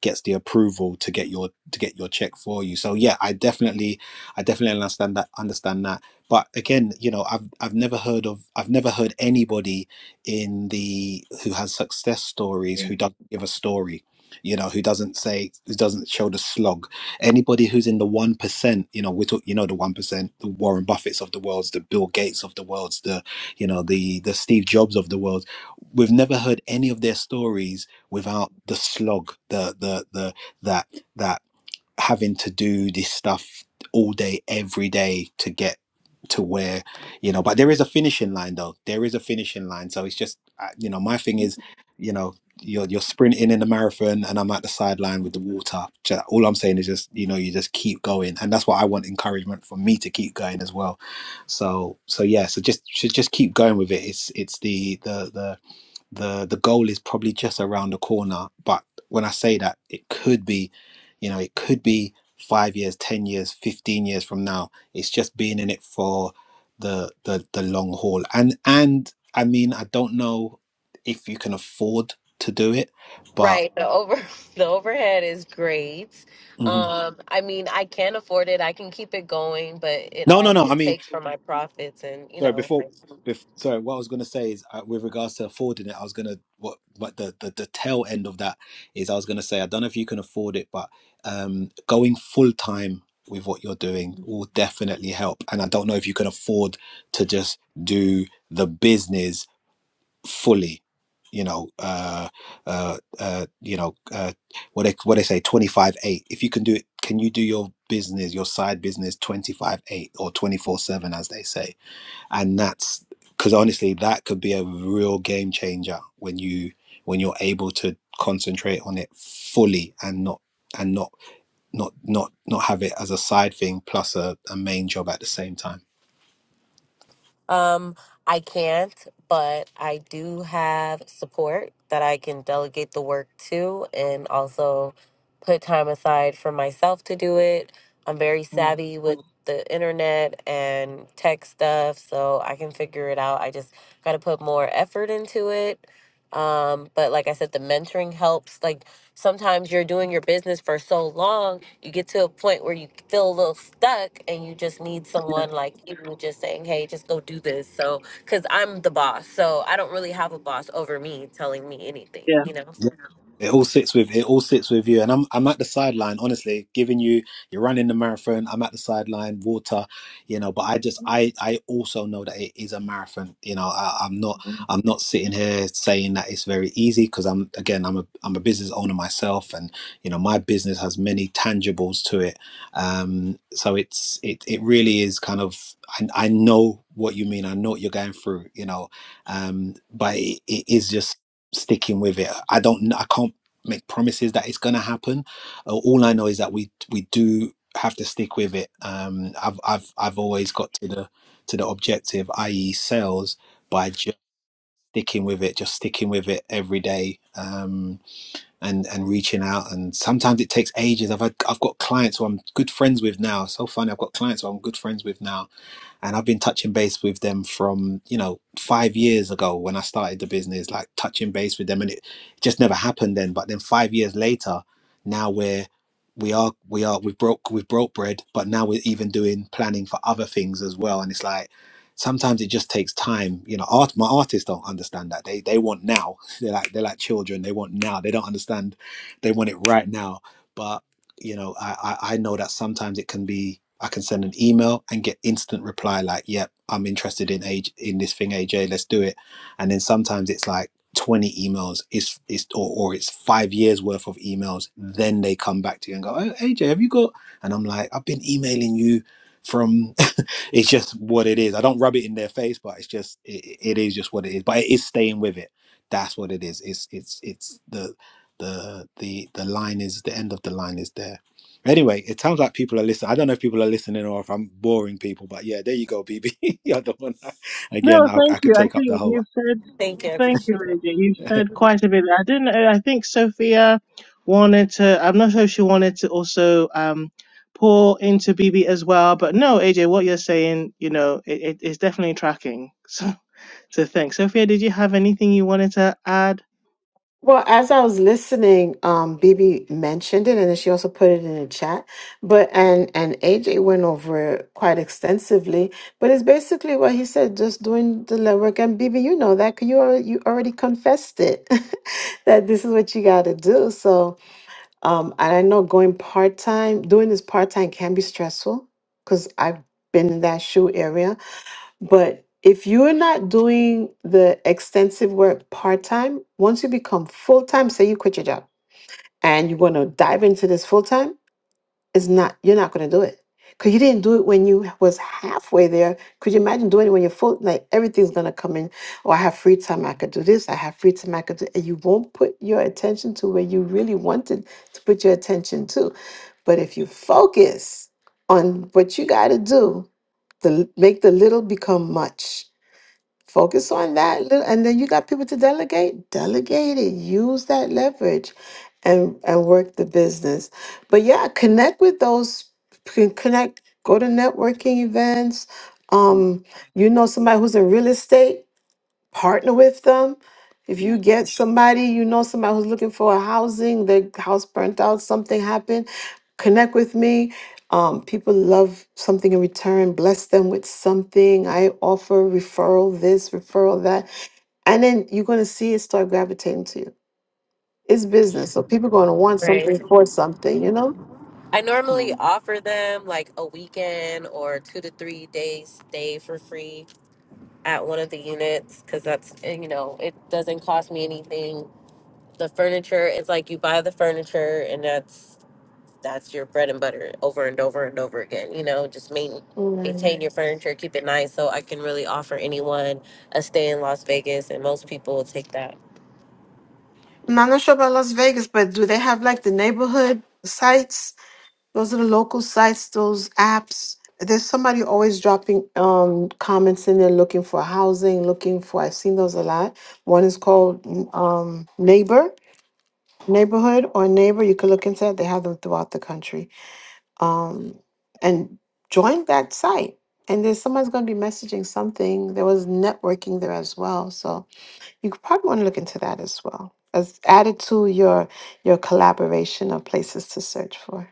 gets the approval to get your to get your check for you. So yeah, I definitely I definitely understand that understand that. But again, you know, I've I've never heard of I've never heard anybody in the who has success stories who doesn't give a story, you know, who doesn't say who doesn't show the slog. Anybody who's in the one percent, you know, we talk, you know, the one percent, the Warren Buffets of the worlds, the Bill Gates of the worlds, the you know, the the Steve Jobs of the world. We've never heard any of their stories without the slog, the the the that that having to do this stuff all day, every day to get to where you know. But there is a finishing line, though. There is a finishing line, so it's just uh, you know, my And thing is, you know, you're you're sprinting in the marathon, and I'm at the sideline with the water. Ju- All I'm saying is just you know, you just keep going, and that's what I want encouragement for me to keep going as well. So so yeah, so just should just keep going with it. It's it's the the the the the goal is probably just around the corner but when i say that it could be you know it could be 5 years 10 years 15 years from now it's just being in it for the the the long haul and and i mean i don't know if you can afford to do it but Right. The over [laughs] the overhead is great. Mhm. Um, I mean, I can afford it. I can keep it going, but it no no also no i mean takes from my profits and, you Sorry, know. before, like, bef sorry, what I was going to say is uh, with regards to affording it, I was going to what what the, the the tail end of that is. I was going to say I don't know if you can afford it, but um, going full time with what you're doing will definitely help. And I don't know if you can afford to just do the business fully. You know, uh, uh, uh, you know, uh, what they what they say, twenty five eight. If you can do it, can you do your business, your side business, twenty five eight or twenty four seven, as they say? and that's because honestly that could be a real game changer when you when you're able to concentrate on it fully and not and not not not not have it as a side thing plus a, a main job at the same time Um, I can't, but I do have support that I can delegate the work to and also put time aside for myself to do it. I'm very Mhm. savvy with the internet and tech stuff, so I can figure it out. I just got to put more effort into it. Um, but like I said, the mentoring helps. Like sometimes you're doing your business for so long you get to a point where you feel a little stuck and you just need someone like you just saying, hey, just go do this. So, because I'm the boss. So I don't really have a boss over me telling me anything, you know? It all sits with it all sits with you, and I'm I'm at the sideline. Honestly, giving you you're running the marathon. I'm at the sideline, water, you know. But I just I I also know that it is a marathon. You know, I, I'm not I'm not sitting here saying that it's very easy because I'm again I'm a I'm a business owner myself, and you know my business has many tangibles to it. Um, so it's it it really is kind of I I know what you mean. I know what you're going through. You know, um, but it, it is just sticking with it. I don't. I can't make promises that it's going to happen. Uh, all I know is that we we do have to stick with it. Um, I've I've I've always got to the to the objective, i.e., sales, by just sticking with it, just sticking with it every day, um, and and reaching out. And sometimes it takes ages. I've had, I've got clients who I'm good friends with now. So funny, I've got clients who I'm good friends with now and I've been touching base with them from you know five years ago when I started the business, like touching base with them, and it just never happened then. But then five years later, now we're we are we are we've broke we've broke bread, but now we're even doing planning for other things as well, and it's like. Sometimes it just takes time, you know. Art, my artists don't understand that. They they want now. [laughs] They're like they're like children. They want now. They don't understand. They want it right now. but you know I, I i know that sometimes it can be i can send an email and get instant reply like yep i'm interested in age in this thing aj let's do it and then sometimes it's like 20 emails it's it's or, or it's five years worth of emails then they come back to you and go oh, aj have you got and i'm like i've been emailing you from it's just what it is. I don't rub it in their face, but it's just it, it is just what it is. But it is staying with it. That's what it is. It's it's it's the the the the line is the end of the line is there. Anyway, it sounds like people are listening. I don't know if people are listening or if I'm boring people, but yeah, there you go, BB. [laughs] You're the one. Again, No, I, thank I could you. I take up the think whole. you've said, Thank you. I thank you, appreciate it. Lady. You've [laughs] the said quite a bit. I didn't, uh, I think Sophia wanted to, I'm not sure if she wanted to also um, pour into BB as well, but no, AJ, what you're saying, you know, it, it, it's definitely tracking. [laughs] So, so thanks. Sophia, did you have anything you wanted to add? Well, as I was listening, um, Bibi mentioned it, and then she also put it in the chat. But and and AJ went over it quite extensively. But it's basically what he said, just doing the legwork. And Bibi, you know that 'cause you already, you already confessed it [laughs] that this is what you got to do. So, um, and I know going part time, doing this part time can be stressful because I've been in that shoe area but if you're not doing the extensive work part time, once you become full time, say you quit your job and you want to dive into this full time, it's not you're not going to do it because you didn't do it when you was halfway there. Could you imagine doing it when you're full? Like everything's going to come in. Oh, I have free time. I could do this. I have free time. I could do. And you won't put your attention to where you really wanted to put your attention to. But if you focus on what you got to do, the make the little become much Focus on that little, and then you got people to delegate. Delegate it. Use that leverage, and and work the business. But yeah, connect with those. c- Connect. Go to networking events. Mm, Um, you know somebody who's in real estate partner with them. If yeah, you get somebody, you know somebody who's looking for a housing, their house burnt out, something happened, connect with me. Um, people love something in return, bless them with something. I offer referral this, referral that. And then you're going to see it start gravitating to you. It's business. So people going to want something Right. for okay. something, you know? I normally Mm, offer them like a weekend or two to three days stay for free at one of the units because that's, eh, you know, it doesn't cost me anything. The furniture, it's like you buy the furniture and that's that's your bread and butter over and over and over again. You know, just main, Right. maintain your furniture, keep it nice. So I can really offer anyone a stay in Las Vegas, and most people will take that. Now, I'm not sure about Las Vegas, but do they have like the neighborhood sites? Those are the local sites, those apps. There's somebody always dropping um, comments in there looking for housing, looking for, I've seen those a lot. One is called um, Neighbor, Neighborhood or Neighbor. You can look into it. They have them throughout the country. Um, and join that site. And there's someone's going to be messaging something. There was networking there as well. So you could probably want to look into that as well as added to your your collaboration of places to search for.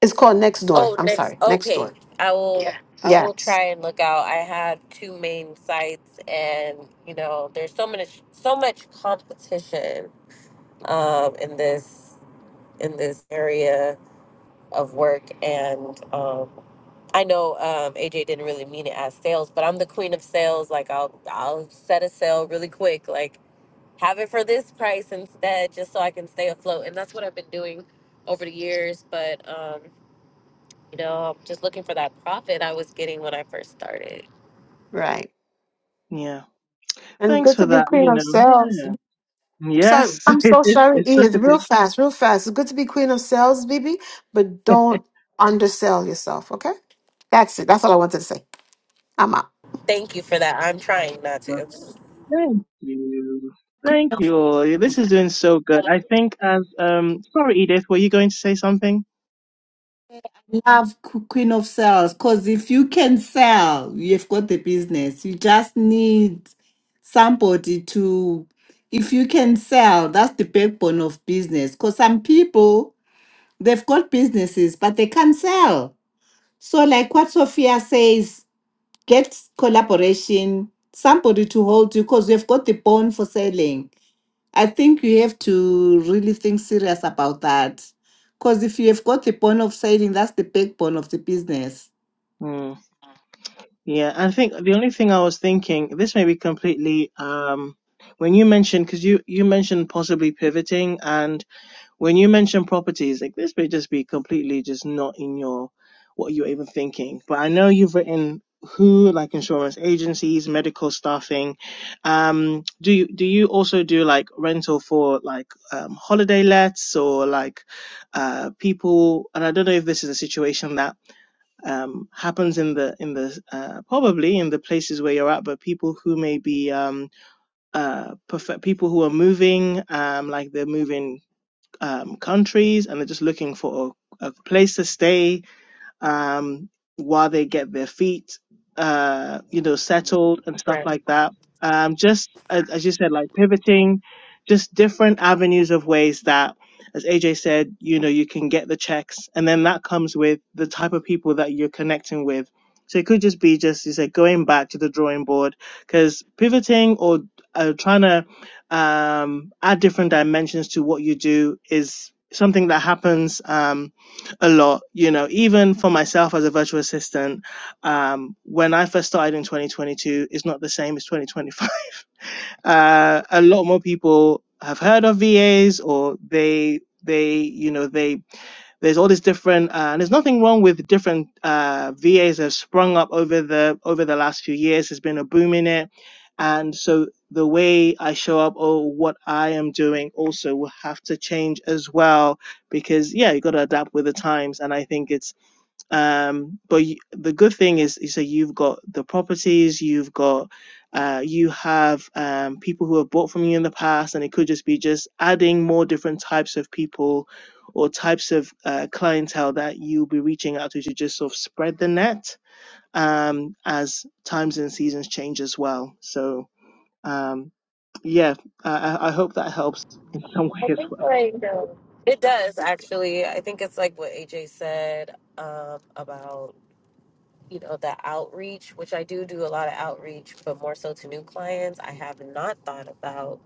It's called Next Door. Oh, I'm next. sorry, Next Okay, Door. I will. Yeah. I will Yes, try and look out. I have two main sites, and you know, there's so much, so much competition um, in this in this area of work, and um, I know um, AJ didn't really mean it as sales, but I'm the queen of sales. Like I'll I'll set a sale really quick, like have it for this price instead, just so I can stay afloat. And that's what I've been doing over the years. But um, you know, I'm just looking for that profit I was getting when I first started. right. yeah. And it's Thanks good for to be that, queen you of sales. i know. Yeah. sorry. Yes, [laughs] I'm it, so it's, sorry, it's such Edith. a Real big, fast, real fast. It's good to be queen of sales, Bibi, but don't undersell yourself. Okay, that's it. That's all I wanted to say. I'm out. Thank you for that. I'm trying not uh, to. Thank you. Queen Thank of Scots. you. This is doing so good. I think as um sorry Edith, were you going to say something? Love Q- Queen of Sales because if you can sell, you've got the business. You just need somebody to, if you can sell, that's the backbone of business. Because some people, they've got businesses, but they can't sell. So, like what Sophia says, get collaboration, somebody to hold you because you've got the bone for selling. I think you have to really think serious about that. Because if you have got the bone of siding, that's the backbone of the business. Hmm. Yeah, I think the only thing I was thinking, this may be completely um when you mentioned because you you mentioned possibly pivoting and when you mention properties, like this may just be completely just not in your what you're even thinking. But I know you've written who like insurance agencies, medical staffing. Um, do you do you also do like rental for like um, holiday lets or like uh, people? And I don't know if this is a situation that um, happens in the in the uh, probably in the places where you're at, but people who may be um, uh, prefer, people who are moving, um, like they're moving um, countries and they're just looking for a, a place to stay um, while they get their feet, uh, you know, settled and stuff Right. like that. Um, just as, as you said, like pivoting, just different avenues of ways that, as AJ said, you know, you can get the checks, and then that comes with the type of people that you're connecting with. So it could just be just you said going back to the drawing board because pivoting or uh, trying to um, add different dimensions to what you do is something that happens. Um, a lot you know even for myself as a virtual assistant um when i first started in 2022 it's not the same as 2025 [laughs] uh a lot more people have heard of vas or they they you know they there's all these different, uh, and there's nothing wrong with different uh, VAs that have sprung up over the over the last few years. There's been a boom in it, and so the way I show up or what I am doing also will have to change as well because yeah, you got to adapt with the times. And I think it's um but the good thing is is that you've got the properties you've got uh you have um people who have bought from you in the past and it could just be just adding more different types of people or types of uh, clientele that you'll be reaching out to to just sort of spread the net um as times and seasons change as well so um yeah i i I hope that helps in some [laughs] way as well It does actually. I think it's like what AJ said um, about. you know the outreach which i do do a lot of outreach but more so to new clients i have not thought about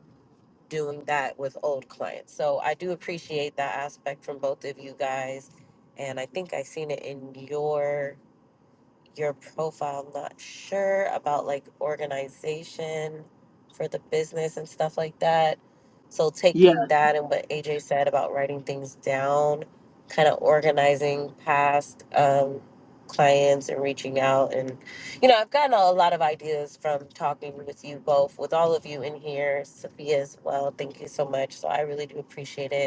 doing that with old clients so i do appreciate that aspect from both of you guys and i think i seen it in your your profile. I'm not sure about like organization for the business and stuff like that. So yeah taking that and what AJ said about writing things down, kind of organizing past um, clients and reaching out, and you know, I've gotten a lot of ideas from talking with you both, with all of you in here, Sophia as well. Thank you so much. So I really do appreciate it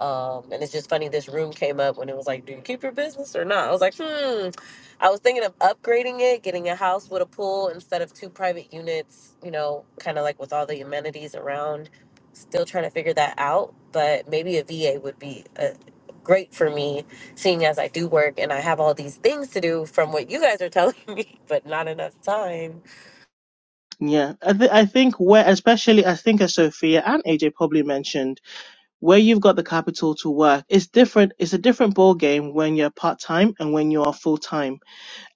um, and it's just funny, this room came up when it was like, do you keep your business or not? I was like, hmm. I was thinking of upgrading it, getting a house with a pool instead of two private units, you know, kind of like with all the amenities around. Still trying to figure that out, but maybe a VA would be uh great for me, seeing as I do work and I have all these things to do from what you guys are telling [laughs] me, but not enough time. yeah i, th- I think where especially i think as sophia and aj probably mentioned where you've got the capital to work it's different it's a different ball game when you're part-time and when you are full-time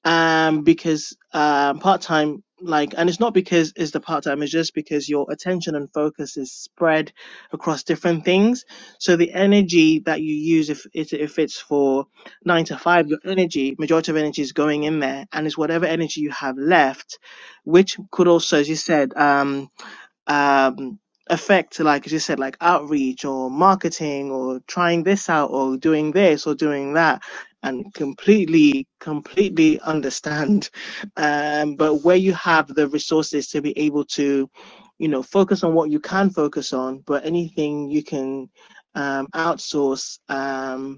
um because um part-time like and it's not because it's the part-time it's just because your attention and focus is spread across different things so the energy that you use if it- if it's for nine to five your energy majority of energy is going in there and it's whatever energy you have left which could also as you said um um, effect like as you said, like outreach or marketing or trying this out or doing this or doing that, and completely, completely understand. [laughs] Um, but where you have the resources to be able to, you know, focus on what you can focus on, but anything you can um, outsource. Um,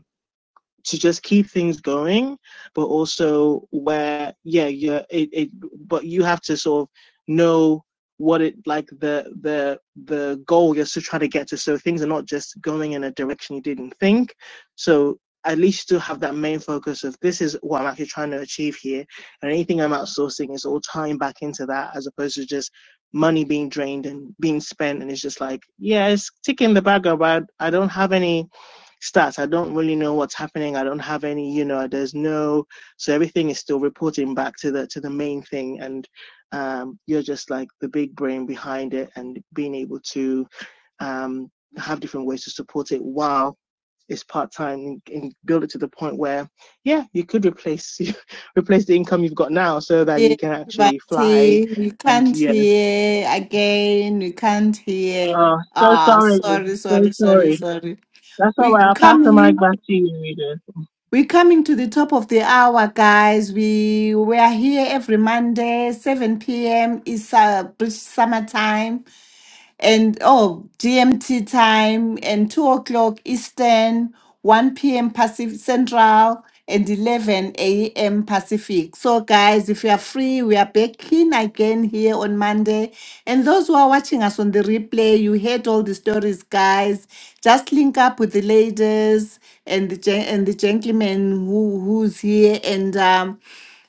to just keep things going, but also where yeah, yeah, it, it but you have to sort of know what it like the the the goal you're still trying to get to. So things are not just going in a direction you didn't think. So at least to have that main focus of this is what I'm actually trying to achieve here, and anything I'm outsourcing is all tying back into that as opposed to just money being drained and being spent and it's just like yeah it's ticking the bag but I don't have any stats. I don't really know what's happening. I don't have any, you know, there's no so everything is still reporting back to the to the main thing and um you're just like the big brain behind it and being able to um have different ways to support it while it's part time and build it to the point where yeah, you could replace [laughs] replace the income you've got now so that Yeah, you can but actually fly eh, we and can't yeah. hear again. We can't hear. Oh, so Ah, sorry. sorry, So sorry, sorry, sorry. sorry. That's all We right. I'll pass the coming. mic back to you, Rita. We're coming to the top of the hour, guys. We we are here every Monday, 7 p.m. is uh, British summer time. and oh GMT time and two o'clock Eastern, one p.m. Pacific Central, and eleven a.m. Pacific. So guys, if you are free, we are back in again here on Monday. And those who are watching us on the replay, you heard all the stories, guys. Just link up with the ladies and the gen- and the gentleman who who's here and um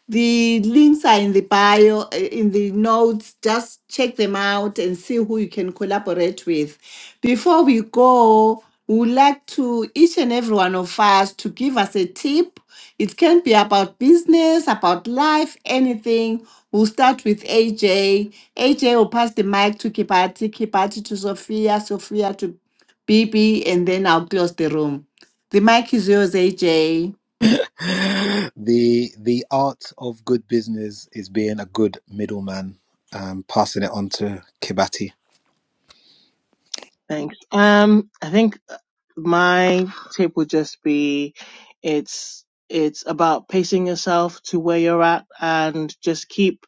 the links are in the bio, uh, in the notes. Just check them out and see who you can collaborate with. Before we go, we would like to each and every one of us to give us a tip. It can be about business, about life, anything. We'll start with AJ. AJ will pass the mic to Kibati, Kibati to Sophia, Sophia to BB, and then I'll close the room. The mic is yours, AJ. the art of good business is being a good middleman. Um, passing it on to Kibati. Thanks. Um, I think uh, my tip would just be it's it's about pacing yourself to where you're at and just keep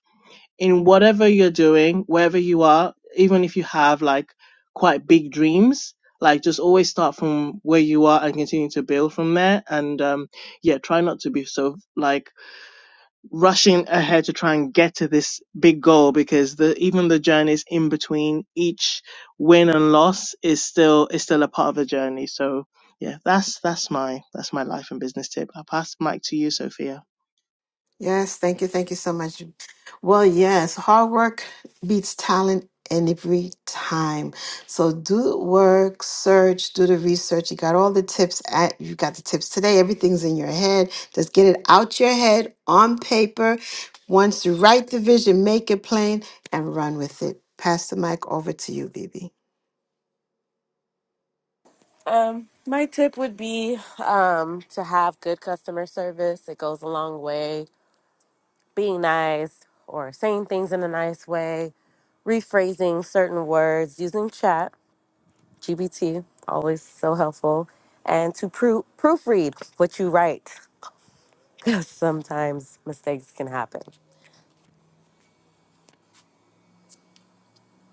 in whatever you're doing, wherever you are, even if you have like quite big dreams, like just always start from where you are and continue to build from there. And um yeah, try not to be so like rushing ahead to try and get to this big goal because the even the journeys in between each win and loss is still is still a part of the journey. So yeah, that's that's my that's my life and business tip. I'll pass the mic to you, Sophia. Yes, thank you. Thank you so much. Well, yes, hard work beats talent every time. So do work, search, do the research. You got all the tips at you got the tips today. Everything's in your head. Just get it out your head on paper. Once you write the vision, make it plain and run with it. Pass the mic over to you, Bibi. Um, my tip would be um, to have good customer service. It goes a long way. being nice or saying things in a nice way, rephrasing certain words, using chat, GBT, always so helpful, and to proo- proofread what you write [laughs] because sometimes mistakes can happen.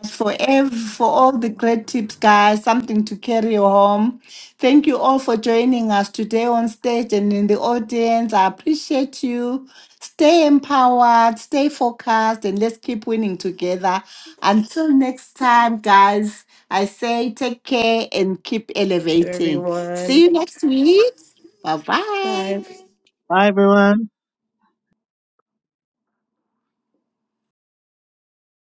for ev- for all the great tips, guys. Something to carry home. Thank you all for joining us today on stage and in the audience. I appreciate you. Stay empowered, stay focused, and let's keep winning together. Until next time, guys. I say take care and keep elevating. See Everyone, you next week. Bye bye. bye. Bye everyone.